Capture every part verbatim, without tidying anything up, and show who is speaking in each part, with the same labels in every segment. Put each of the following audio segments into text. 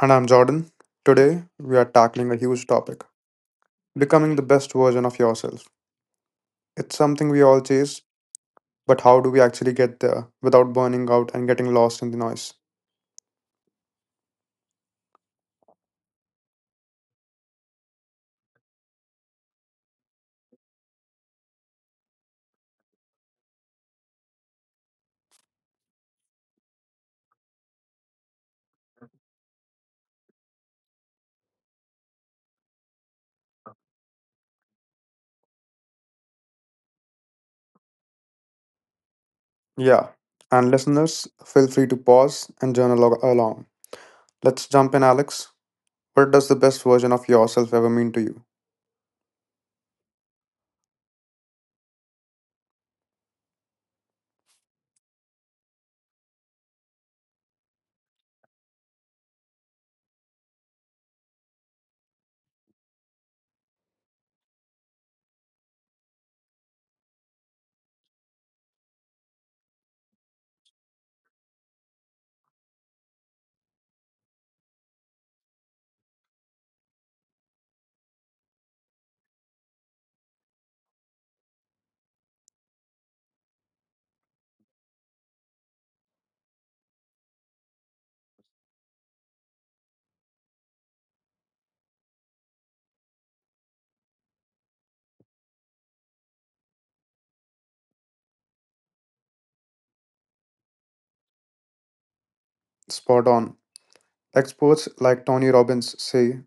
Speaker 1: And I'm Jordan. Today, we are tackling a huge topic: becoming the best version of yourself. It's something we all chase, but how do we actually get there without burning out and getting lost in the noise? Yeah. And listeners, feel free to pause and journal al- along. Let's jump in, Alex. What does the best version of yourself ever mean to you? Spot on. Experts like Tony Robbins say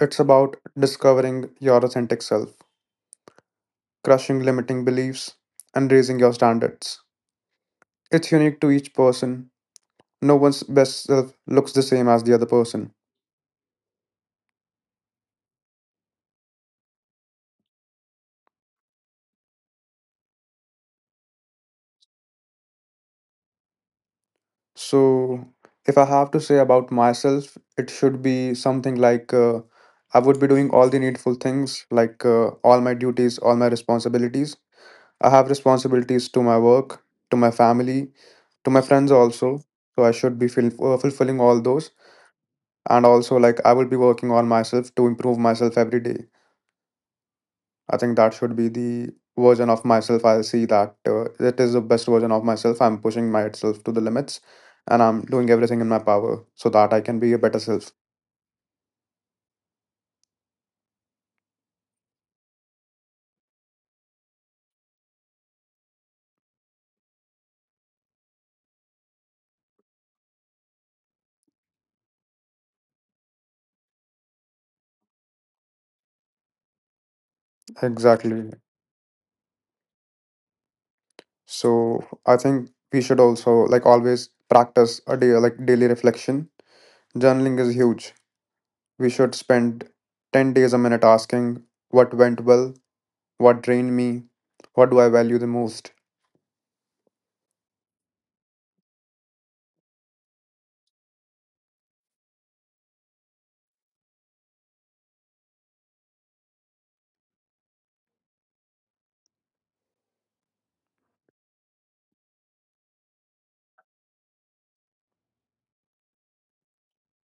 Speaker 1: it's about discovering your authentic self, crushing limiting beliefs, and raising your standards. It's unique to each person; no one's best self looks the same as the other person. So, if I have to say about myself, it should be something like uh, I would be doing all the needful things, like uh, all my duties, all my responsibilities. I have responsibilities to my work, to my family, to my friends also. So, I should be fil- uh, fulfilling all those. And also, like, I will be working on myself to improve myself every day. I think that should be the version of myself. I'll see that uh, it is the best version of myself. I'm pushing myself to the limits and I'm doing everything in my power so that I can be a better self. Exactly. So I think we should also like always practice a day like daily reflection. Journaling is huge. We should spend ten days a minute asking what went well, what drained me, what do I value the most.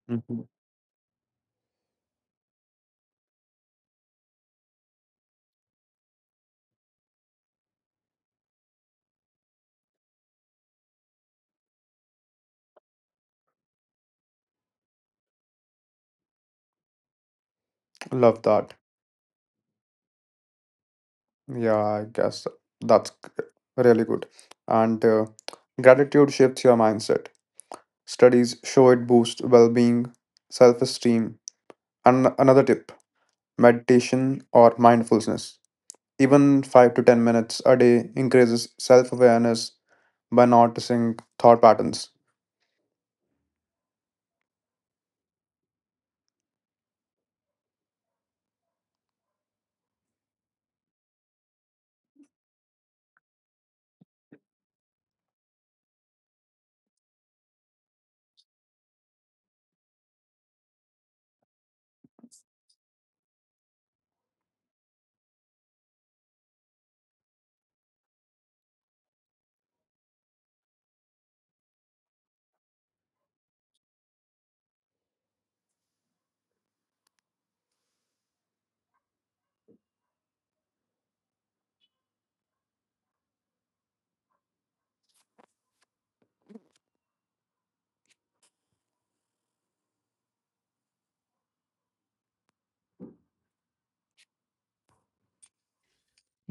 Speaker 1: Mhm. Love that. Yeah, I guess that's g- really good. And uh, gratitude shifts your mindset. Studies show it boosts well being, self esteem. And another tip: meditation or mindfulness. Even five to ten minutes a day increases self awareness by noticing thought patterns.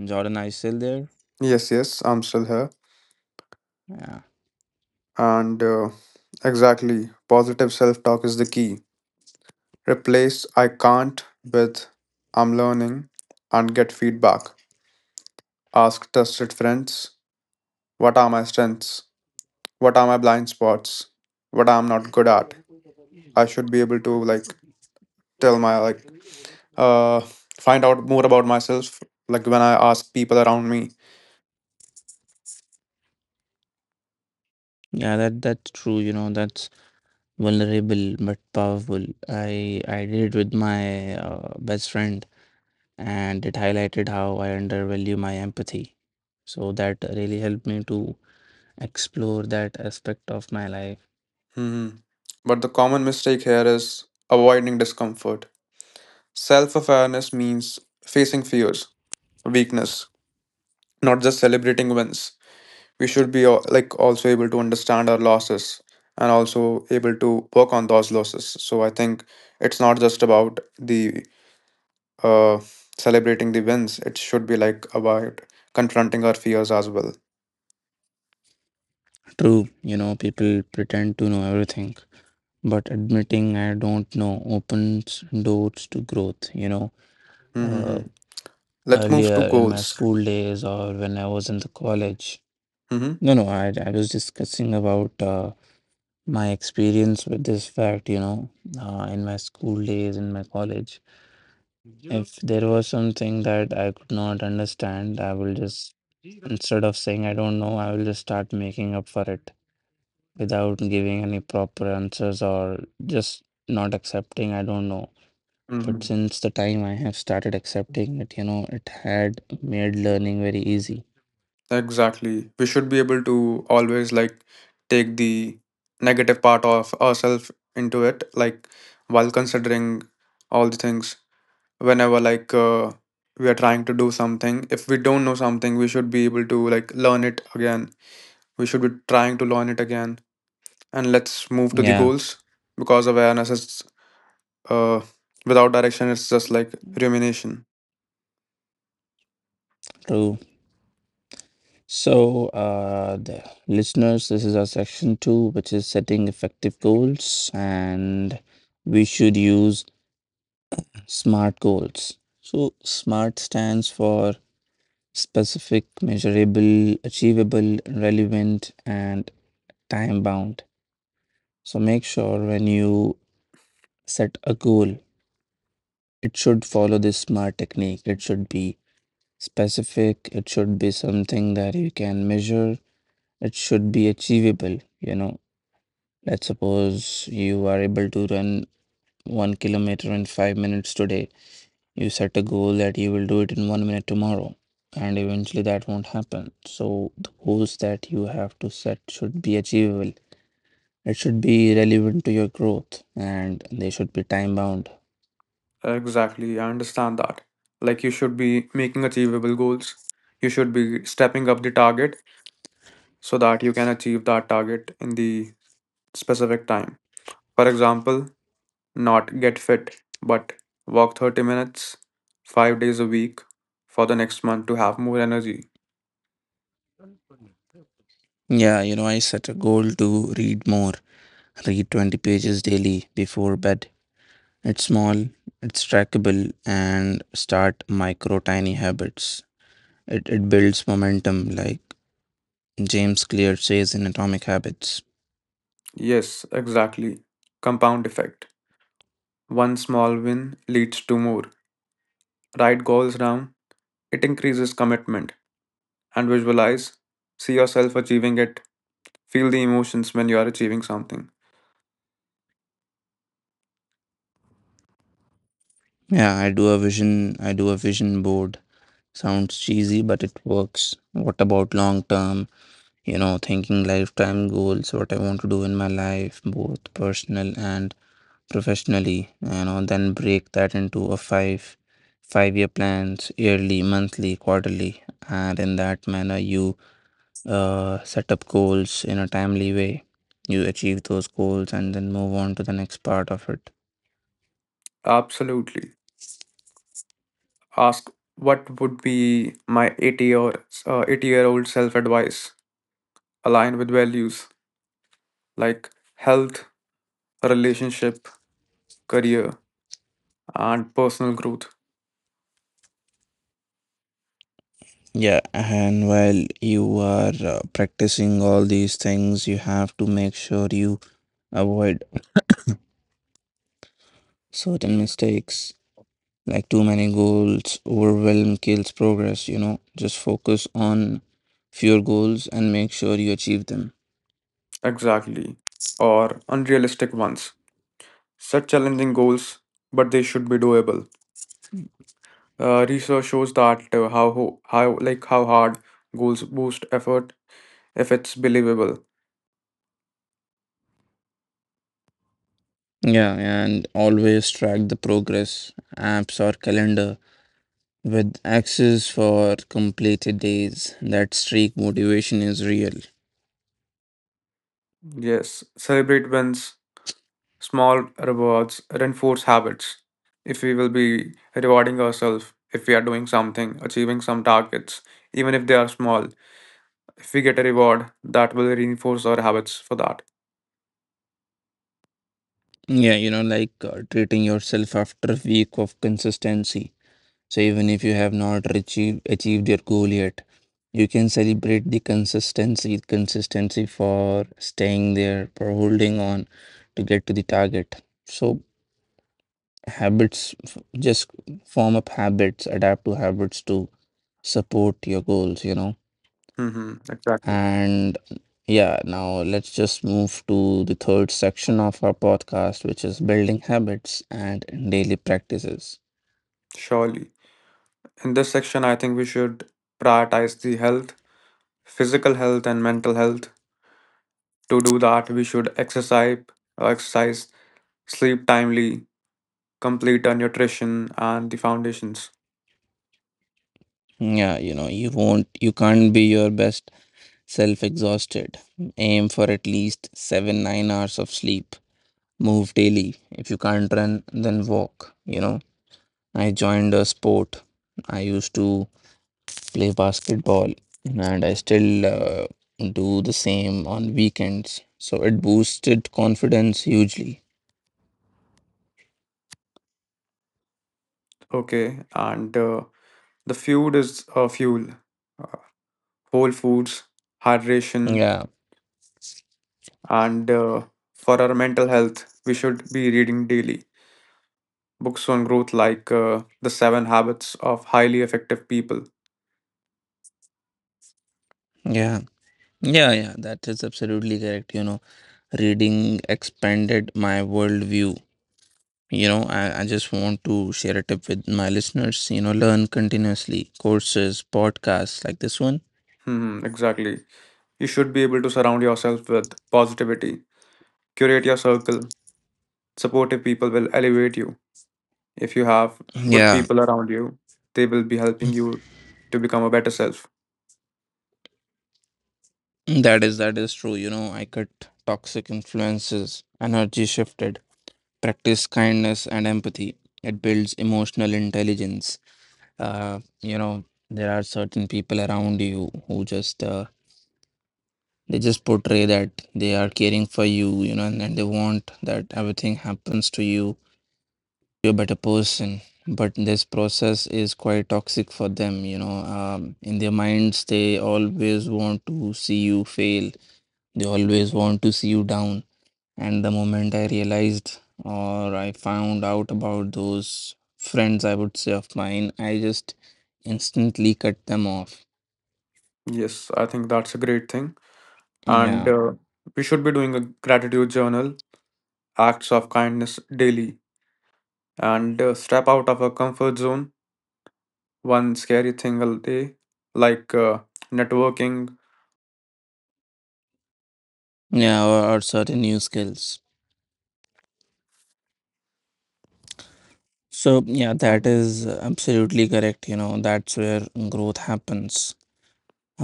Speaker 2: Jordan Isel there.
Speaker 1: Yes, yes, I'm still here.
Speaker 2: Yeah.
Speaker 1: And uh, exactly, positive self talk is the key. Replace I can't with I'm learning, and get feedback. Ask trusted friends: what are my strengths? What are my blind spots? What I'm not good at? I should be able to like tell my like uh find out more about myself like when I ask people around me.
Speaker 2: Yeah, that that's true, you know, that's vulnerable but powerful. I I did it with my uh, best friend, and it highlighted how I undervalue my empathy. So that really helped me to explore that aspect of my life.
Speaker 1: Hmm. But the common mistake here is avoiding discomfort. Self awareness means facing fears, weakness, not just celebrating wins. We should be al- like also able to understand our losses and also able to work on those losses. So I think it's not just about the uh celebrating the wins, it should be like about confronting our fears as well.
Speaker 2: True, you know, people pretend to know everything, but admitting I don't know opens doors to growth, you know.
Speaker 1: Mm-hmm.
Speaker 2: Uh,
Speaker 1: Let's move to
Speaker 2: earlier in my
Speaker 1: goals.
Speaker 2: school days, or when I was in the college,
Speaker 1: Mm-hmm.
Speaker 2: no, no, I, I was discussing about uh, my experience with this fact, you know, uh, in my school days, in my college. If there was something that I could not understand, I will just, instead of saying I don't know, I will just start making up for it without giving any proper answers, or just not accepting I don't know. But
Speaker 1: Mm-hmm.
Speaker 2: since the time I have started accepting it, you know, it had made learning very easy.
Speaker 1: Exactly, we should be able to always like take the negative part of ourselves into it like while considering all the things whenever like uh, we are trying to do something. If we don't know something, we should be able to like learn it again, we should be trying to learn it again. And let's move to the
Speaker 2: Yeah,
Speaker 1: goals, because awareness is uh, without direction it's just like rumination.
Speaker 2: true. So, uh, the listeners, this is our section two, which is setting effective goals, and we should use SMART goals. So, SMART stands for specific, measurable, achievable, relevant, and time bound. So, make sure when you set a goal, it should follow this SMART technique. It should be specific, it should be something that you can measure, it should be achievable. You know, let's suppose you are able to run one kilometer in five minutes today. You set a goal that you will do it in one minute tomorrow, and eventually that won't happen. So, the goals that you have to set should be achievable. It should be relevant to your growth, and they should be time bound.
Speaker 1: Exactly, I understand that like you should be making achievable goals, you should be stepping up the target so that you can achieve that target in the specific time. For example, not get fit, but walk thirty minutes, five days a week for the next month to have more energy.
Speaker 2: Yeah, you know, I set a goal to read more, read twenty pages daily before bed. It's small, it's trackable, and start micro tiny habits. It, it builds momentum like James Clear says in Atomic Habits.
Speaker 1: Yes, exactly. Compound effect. One small win leads to more. Write goals down, it increases commitment, and visualize. See yourself achieving it. Feel the emotions when you are achieving something.
Speaker 2: Yeah, I do a vision I do a vision board. Sounds cheesy, but it works. What about long term? You know, thinking lifetime goals, what I want to do in my life, both personal and professionally, you know, then break that into a five five year plans, yearly, monthly, quarterly. And in that manner you uh, set up goals in a timely way. You achieve those goals and then move on to the next part of it.
Speaker 1: Absolutely. Ask what would be my eighty or uh, eighty year old self advice aligned with values like health, relationship, career, and personal growth.
Speaker 2: Yeah, and while you are uh, practicing all these things, you have to make sure you avoid certain mistakes like too many goals. Overwhelm kills progress, you know. Just focus on fewer goals and make sure you achieve them.
Speaker 1: Exactly. Or unrealistic ones. Such challenging goals, but they should be doable. Uh, research shows that uh, how ho- how like how hard goals boost effort if it's believable.
Speaker 2: Yeah, and always track the progress, apps or calendar with access for completed days. That streak motivation is real.
Speaker 1: Yes, celebrate wins, small rewards, reinforce habits. If we will be rewarding ourselves, if we are doing something, achieving some targets, even if they are small, if we get a reward, that will reinforce our habits for that.
Speaker 2: Yeah, you know, like uh, treating yourself after a week of consistency. So even if you have not achieved achieved your goal yet, you can celebrate the consistency, consistency for staying there, for holding on to get to the target. So habits, f- just form up habits, adapt to habits to support your goals, you know.
Speaker 1: Mm-hmm, exactly.
Speaker 2: And yeah, now let's just move to the third section of our podcast, which is building habits and daily practices.
Speaker 1: Surely. In this section, I think we should prioritize the health, physical health, and mental health. To do that, we should exercise, uh, exercise, sleep timely, complete our nutrition, and the foundations.
Speaker 2: Yeah, you know, you won't, you can't be your best self exhausted. Aim for at least seven nine hours of sleep. Move daily. If you can't run, then walk. You know, I joined a sport. I used to play basketball, and I still uh, do the same on weekends. So it boosted confidence hugely.
Speaker 1: Okay, and uh, the food is uh, fuel, whole foods, hydration,
Speaker 2: Yeah,
Speaker 1: and uh, for our mental health, we should be reading daily books on growth like uh, The Seven Habits of Highly Effective People.
Speaker 2: yeah, yeah, yeah, that is absolutely correct. You know, reading expanded my worldview. You know, I, I just want to share a tip with my listeners. You know, learn continuously. Courses, podcasts like this one.
Speaker 1: Hmm, exactly. You should be able to surround yourself with positivity, curate your circle. Supportive people will elevate you. If you have good
Speaker 2: Yeah,
Speaker 1: people around you, they will be helping you to become a better self.
Speaker 2: that is that is true. You know, I cut toxic influences, energy shifted, practice kindness and empathy. It builds emotional intelligence. Uh, you know, there are certain people around you who just uh, they just portray that they are caring for you, you know, and, and they want that everything happens to you makes you a better person, but this process is quite toxic for them you know um, In their minds they always want to see you fail, they always want to see you down. And the moment I realized, or I found out about those friends, I would say, of mine, I just instantly cut them off.
Speaker 1: Yes, I think that's a great thing. And
Speaker 2: Yeah,
Speaker 1: uh, we should be doing a gratitude journal, acts of kindness daily, and uh, step out of our comfort zone, one scary thing a day, like uh, networking
Speaker 2: yeah, or, or certain new skills. So yeah, that is absolutely correct. You know that's where growth happens.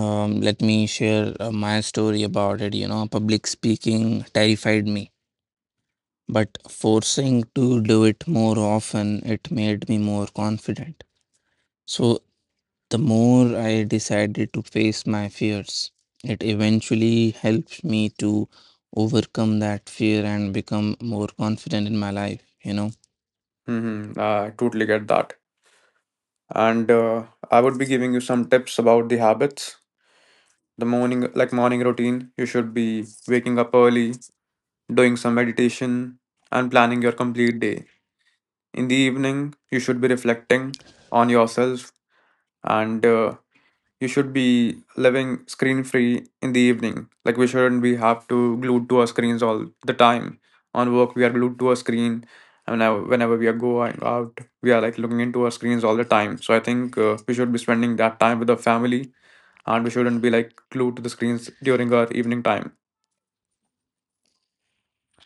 Speaker 2: Um, let me share uh, my story about it. You know, public speaking terrified me, but forcing to do it more often, it made me more confident. So the more I decided to face my fears, it eventually helped me to overcome that fear and become more confident in my life, you know.
Speaker 3: Mm-hmm. I totally get that. And uh, I would be giving you some tips about the habits. The morning, like morning routine, you should be waking up early, doing some meditation, and planning your complete day. In the evening, you should be reflecting on yourself, and uh, you should be living screen free in the evening. Like, we shouldn't be have to glued to our screens all the time. On work we are glued to our screen, and now whenever we are going out, we are like looking into our screens all the time. So I think uh, we should be spending that time with our family, and we shouldn't be like glued to the screens during our evening time.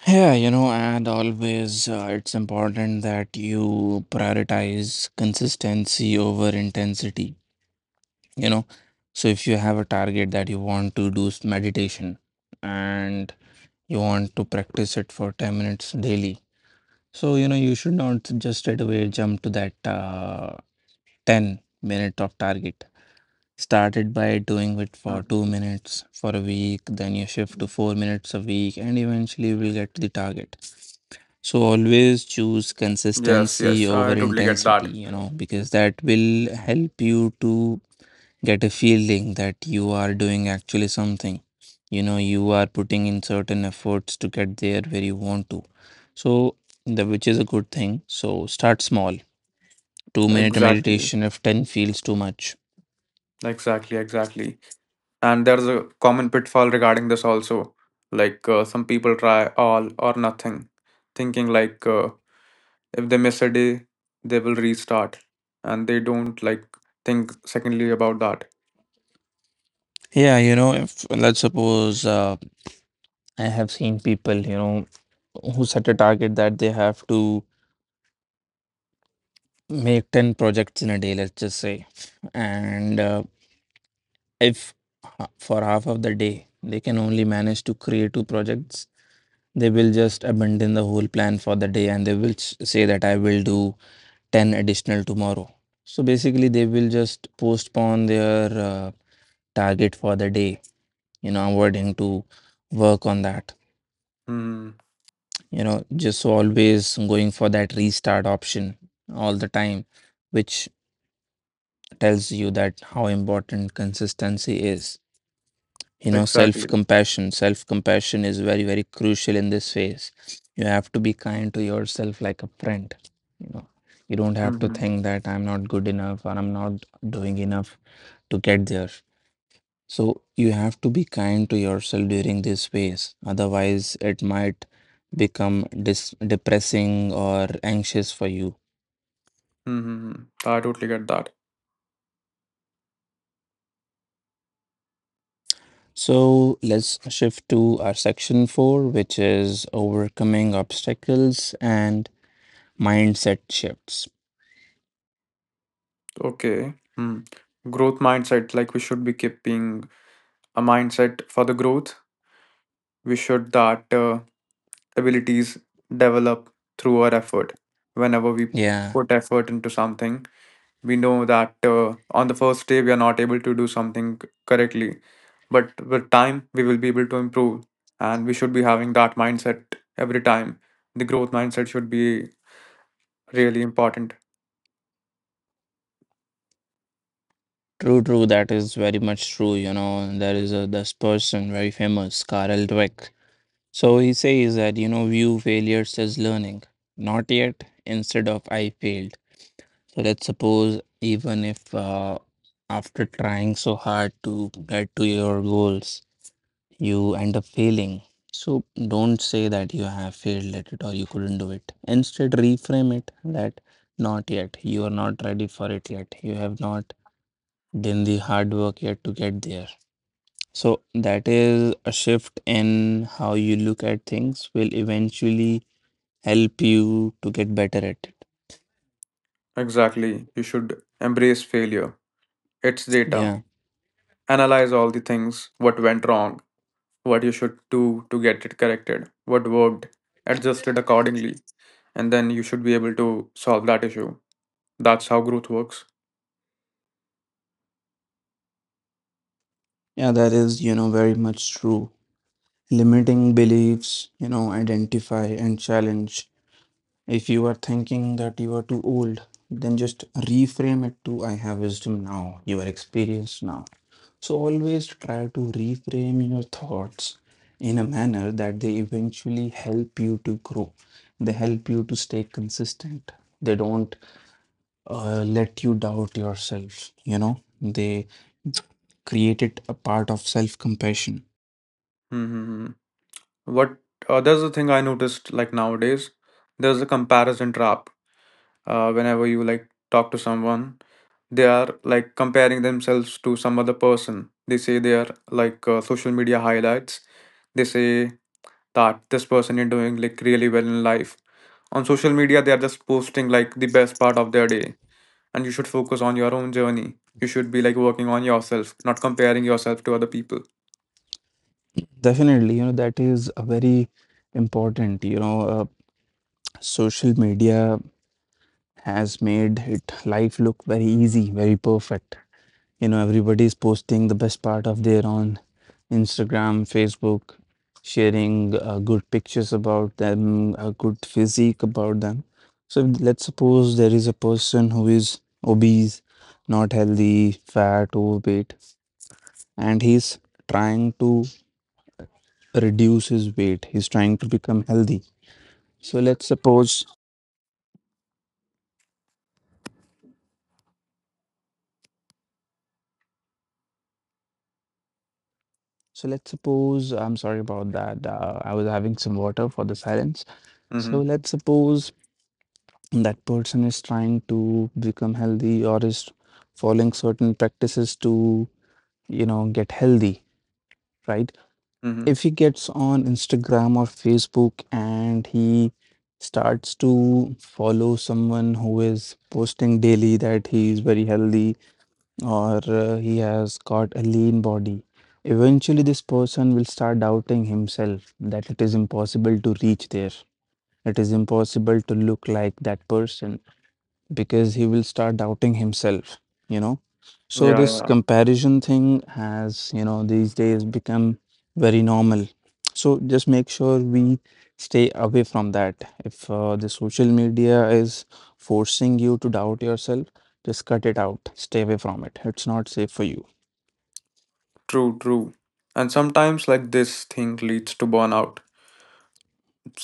Speaker 2: Yeah, you know, and always uh, it's important that you prioritize consistency over intensity you know so if you have a target that you want to do s- meditation, and you want to practice it for ten minutes daily, so you know you should not just straight away jump to that uh, ten minute of target. Start it by doing it for
Speaker 3: Mm.
Speaker 2: two minutes for a week, then you shift to four minutes a week, and eventually you will get to the target. So always choose
Speaker 3: Yes,
Speaker 2: consistency
Speaker 3: yes,
Speaker 2: over
Speaker 3: I totally get that.
Speaker 2: intensity you know because that will help you to get a feeling that you are doing actually something. You know, you are putting in certain efforts to get there where you want to. So, the which is a good thing. So, start small. Two minute
Speaker 3: Exactly,
Speaker 2: meditation if ten feels too much.
Speaker 3: exactly, exactly. And there's a common pitfall regarding this also, like uh, some people try all or nothing thinking, like uh, if they miss a day they will restart and they don't like think secondly about that.
Speaker 2: Yeah, you know, if let's suppose uh, I have seen people, you know, who set a target that they have to make ten projects in a day, let's just say. And uh, if ha- for half of the day they can only manage to create two projects. They will just abandon the whole plan for the day, and they will s- say that I will do ten additional tomorrow. So basically, they will just postpone their uh, target for the day, you know, avoiding to work on that.
Speaker 3: Hmm.
Speaker 2: You know, just always going for that restart option all the time, which tells you that how important consistency is. You know,
Speaker 3: Exactly.
Speaker 2: self compassion self compassion is very very crucial in this phase. You have to be kind to yourself like a friend you know you don't have to
Speaker 3: Mm-hmm.
Speaker 2: think that I'm not good enough, or I'm not doing enough to get there. So you have to be kind to yourself during this phase, otherwise it might become dis- depressing or anxious for you.
Speaker 3: Mm-hmm. I totally get that.
Speaker 2: So let's shift to our section four, which is overcoming obstacles and mindset shifts.
Speaker 3: Okay. Hmm. Growth mindset, like we should be keeping a mindset for the growth. We should that uh, abilities develop through our effort. Whenever we
Speaker 2: Yeah,
Speaker 3: put effort into something, we know that uh, on the first day we are not able to do something c- correctly, but with time we will be able to improve, and we should be having that mindset every time. The growth mindset should be really important.
Speaker 2: true, true. That is very much true. You know, there is a this person very famous, Karel Dweck. So he says that, you know, view failures as learning. Not yet, instead of I failed. So let's suppose, even if uh, after trying so hard to get to your goals, you end up failing. So don't say that you have failed at it, or you couldn't do it. Instead, reframe it that not yet. You are not ready for it yet. You have not than the hard work yet to get there. So that is a shift in how you look at things will eventually help you to get better at it.
Speaker 3: Exactly. You should embrace failure. Its data,
Speaker 2: Yeah.
Speaker 3: analyze all the things, what went wrong, what you should do to get it corrected, what worked, adjust it accordingly, and then you should be able to solve that issue. That's how growth works.
Speaker 2: Yeah, that is, you know, very much true. Limiting beliefs, you know, identify and challenge. If you are thinking that you are too old, then just reframe it to I have wisdom now, you are experienced now. So always try to reframe your thoughts in a manner that they eventually help you to grow. They help you to stay consistent. They don't uh, let you doubt yourself, you know, they create it a part of self compassion.
Speaker 3: What uh, there's a thing I noticed, like nowadays, there's a comparison trap. Uh, whenever you like talk to someone, they are like comparing themselves to some other person. They say they are like uh, social media highlights. They say that this person is doing like really well in life. On social media, they are just posting like the best part of their day, and you should focus on your own journey. You should be like working on yourself, not comparing yourself to other people.
Speaker 2: Definitely, you know, that is a very important, you know, uh, social media has made it life look very easy, very perfect. You know, everybody is posting the best part of their on Instagram, Facebook, sharing uh, good pictures about them, a good physique about them. So let's suppose there is a person who is obese, not healthy, fat, overweight, and he's trying to reduce his weight. He's trying to become healthy. So let's suppose So let's suppose, I'm sorry about that. Uh, I was having some water for the silence. So
Speaker 3: Mm-hmm.
Speaker 2: let's suppose that person is trying to become healthy, or is following certain practices to, you know, get healthy, right?
Speaker 3: Mm-hmm.
Speaker 2: If he gets on Instagram or Facebook, and he starts to follow someone who is posting daily that he is very healthy, or uh, he has got a lean body. Eventually, this person will start doubting himself that it is impossible to reach there. It is impossible to look like that person because he will start doubting himself, you know. So
Speaker 3: Yeah,
Speaker 2: this
Speaker 3: yeah.
Speaker 2: comparison thing has, you know, these days become very normal. So just make sure we stay away from that. If uh, the social media is forcing you to doubt yourself, just cut it out, stay away from it, it's not safe for you.
Speaker 3: True, true. And sometimes like this thing leads to burnout.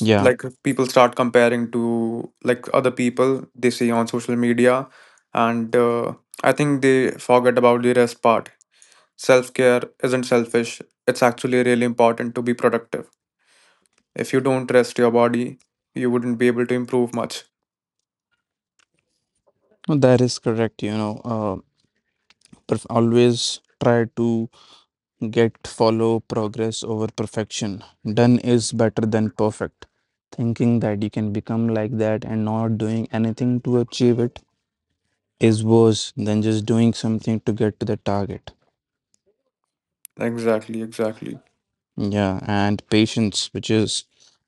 Speaker 2: Yeah.
Speaker 3: Like, people start comparing to like other people they see on social media, and uh, I think they forget about the rest part. Self care isn't selfish. It's actually really important to be productive. If you don't rest your body, you wouldn't be able to improve much.
Speaker 2: No, that is correct. You know uh, perf- always try to get follow progress over perfection. Done is better than perfect. Thinking that you can become like that and not doing anything to achieve it is worse than just doing something to get to the target.
Speaker 3: Exactly, exactly.
Speaker 2: Yeah, and patience, which is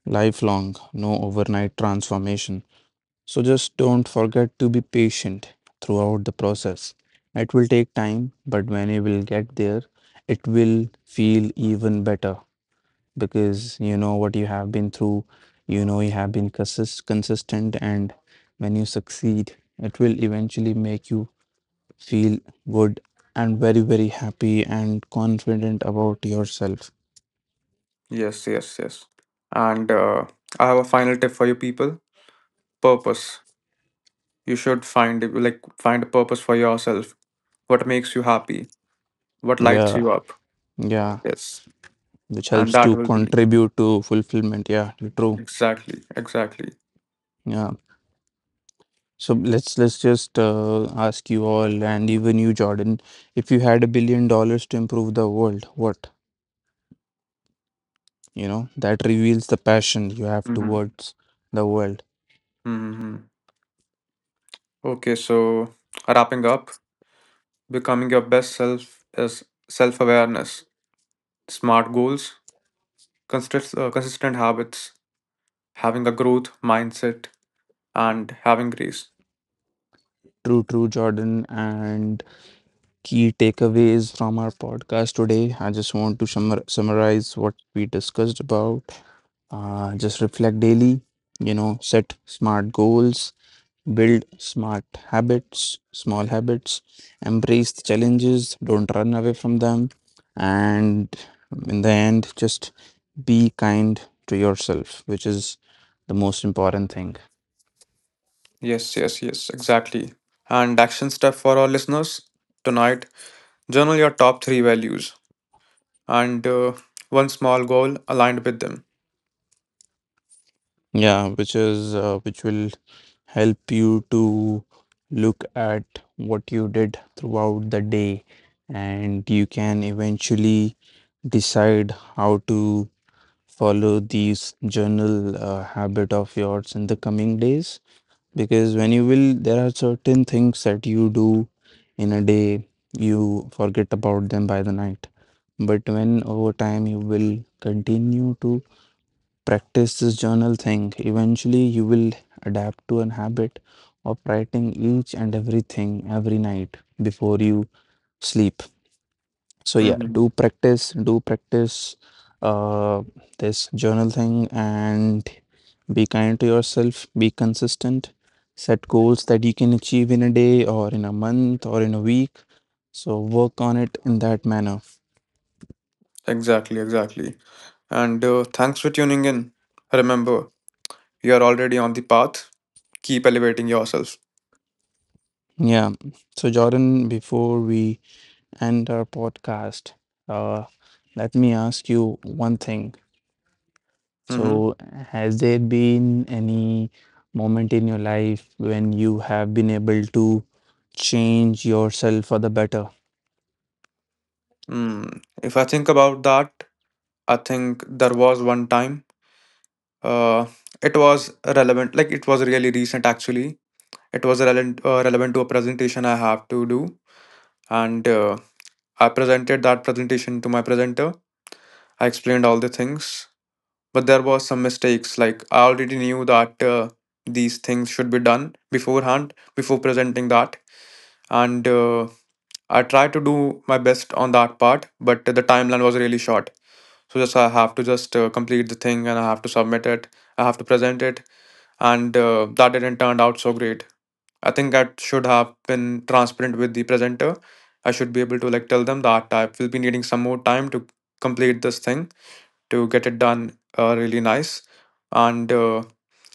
Speaker 2: lifelong, no overnight transformation. So just don't forget to be patient throughout the process. It will take time, but when you will get there, it will feel even better, because you know what you have been through, you know you have been consist- consistent, and when you succeed, it will eventually make you feel good and very, very happy and confident about yourself.
Speaker 3: Yes, yes, yes. And uh, I have a final tip for you people: purpose. You should find like find a purpose for yourself, what makes you happy, what lights
Speaker 2: Yeah,
Speaker 3: you up.
Speaker 2: yeah,
Speaker 3: Yes,
Speaker 2: which
Speaker 3: and
Speaker 2: helps
Speaker 3: that
Speaker 2: to
Speaker 3: will be
Speaker 2: contribute to fulfillment. Yeah, true.
Speaker 3: exactly, exactly.
Speaker 2: Yeah. So let's let's just uh, ask you all, and even you, Jordan, if you had a billion dollars to improve the world, what? You know, that reveals the passion you have
Speaker 3: Mm-hmm.
Speaker 2: towards the world.
Speaker 3: Mm-hmm. Okay, so wrapping up, becoming your best self is self awareness, smart goals, consist- uh, consistent habits, having a growth mindset, and having grace.
Speaker 2: True, true, Jordan. And key takeaways from our podcast today. I just want to summar- summarize what we discussed about. Uh, just reflect daily, you know, set smart goals, build smart habits, small habits, embrace the challenges, don't run away from them. And in the end, just be kind to yourself, which is the most important thing.
Speaker 3: Yes, yes, yes, exactly. And action step for our listeners tonight, journal your top three values and uh, one small goal aligned with them.
Speaker 2: Yeah, which is uh, which will help you to look at what you did throughout the day, and you can eventually decide how to follow these journal uh, habit of yours in the coming days. Because when you will, there are certain things that you do in a day, you forget about them by the night. But when over time you will continue to practice this journal thing, eventually you will adapt to an habit of writing each and everything every night before you sleep. So yeah, do
Speaker 3: Mm-hmm.
Speaker 2: practice, do practice uh, this journal thing, and be kind to yourself, be consistent, set goals that you can achieve in a day or in a month or in a week. So work on it in that manner.
Speaker 3: Exactly, exactly. And uh, thanks for tuning in. Remember, you are already on the path. Keep elevating yourself.
Speaker 2: Yeah. So Jordan, before we and our podcast, uh, let me ask you one thing.
Speaker 3: Mm-hmm.
Speaker 2: So, has there been any moment in your life when you have been able to change yourself for the better?
Speaker 3: Mm. If I think about that, I think there was one time. Uh, it was relevant, like it was really recent actually. It was relevant, uh, relevant to a presentation I have to do, and uh, I presented that presentation to my presenter. I explained all the things, but there was some mistakes. Like, I already knew that uh, these things should be done beforehand before presenting that, and uh, I tried to do my best on that part, but the timeline was really short, so just I have to just uh, complete the thing, and I have to submit it, I have to present it, and uh, that didn't turn out so great. I think I should have been transparent with the presenter. I should be able to like tell them that I will be needing some more time to complete this thing, to get it done uh, really nice, and uh,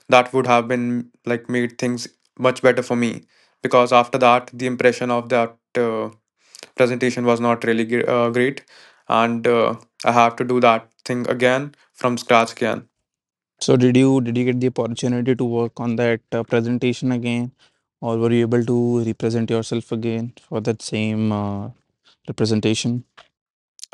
Speaker 3: that would have been like made things much better for me, because after that the impression of that uh, presentation was not really gr- uh, great, and uh, I have to do that thing again from scratch again.
Speaker 2: So, did you did you get the opportunity to work on that uh, presentation again, or were you able to represent yourself again for that same uh, representation?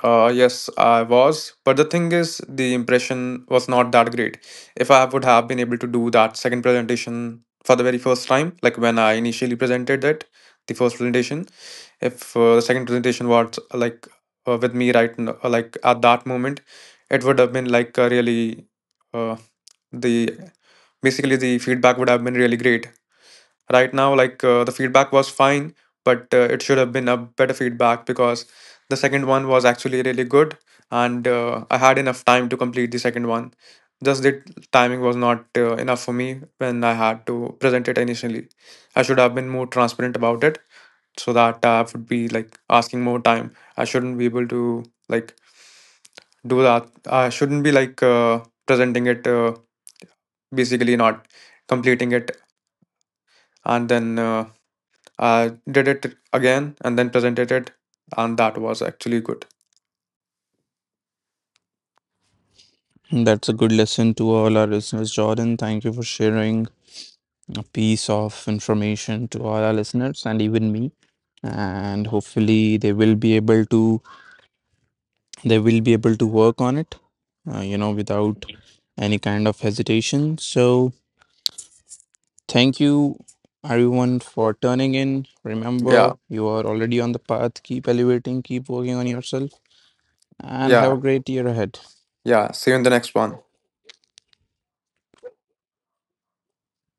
Speaker 3: Uh, yes, I was. But the thing is, the impression was not that great. If I would have been able to do that second presentation for the very first time, like when I initially presented it, the first presentation, if uh, the second presentation was like uh, with me right now, like at that moment, it would have been like uh, really uh, the basically the feedback would have been really great right now. Like uh, the feedback was fine, but uh, it should have been a better feedback, because the second one was actually really good, and uh, I had enough time to complete the second one. Just the timing was not uh, enough for me when I had to present it initially. I should have been more transparent about it, so that tab would be like asking more time. I shouldn't be able to like do that. I shouldn't be like uh, presenting it, uh, basically not completing it, and then uh, I did it again and then presented it, and that was actually good.
Speaker 2: That's a good lesson to all our listeners, Jordan. Thank you for sharing a piece of information to all our listeners and even me, and hopefully they will be able to they will be able to work on it, uh, you know, without any kind of hesitation. So thank you everyone for turning in. Remember,
Speaker 3: Yeah,
Speaker 2: you are already on the path. Keep elevating, keep working on yourself, and have
Speaker 3: yeah,
Speaker 2: a great year ahead.
Speaker 3: yeah. See you in the next one.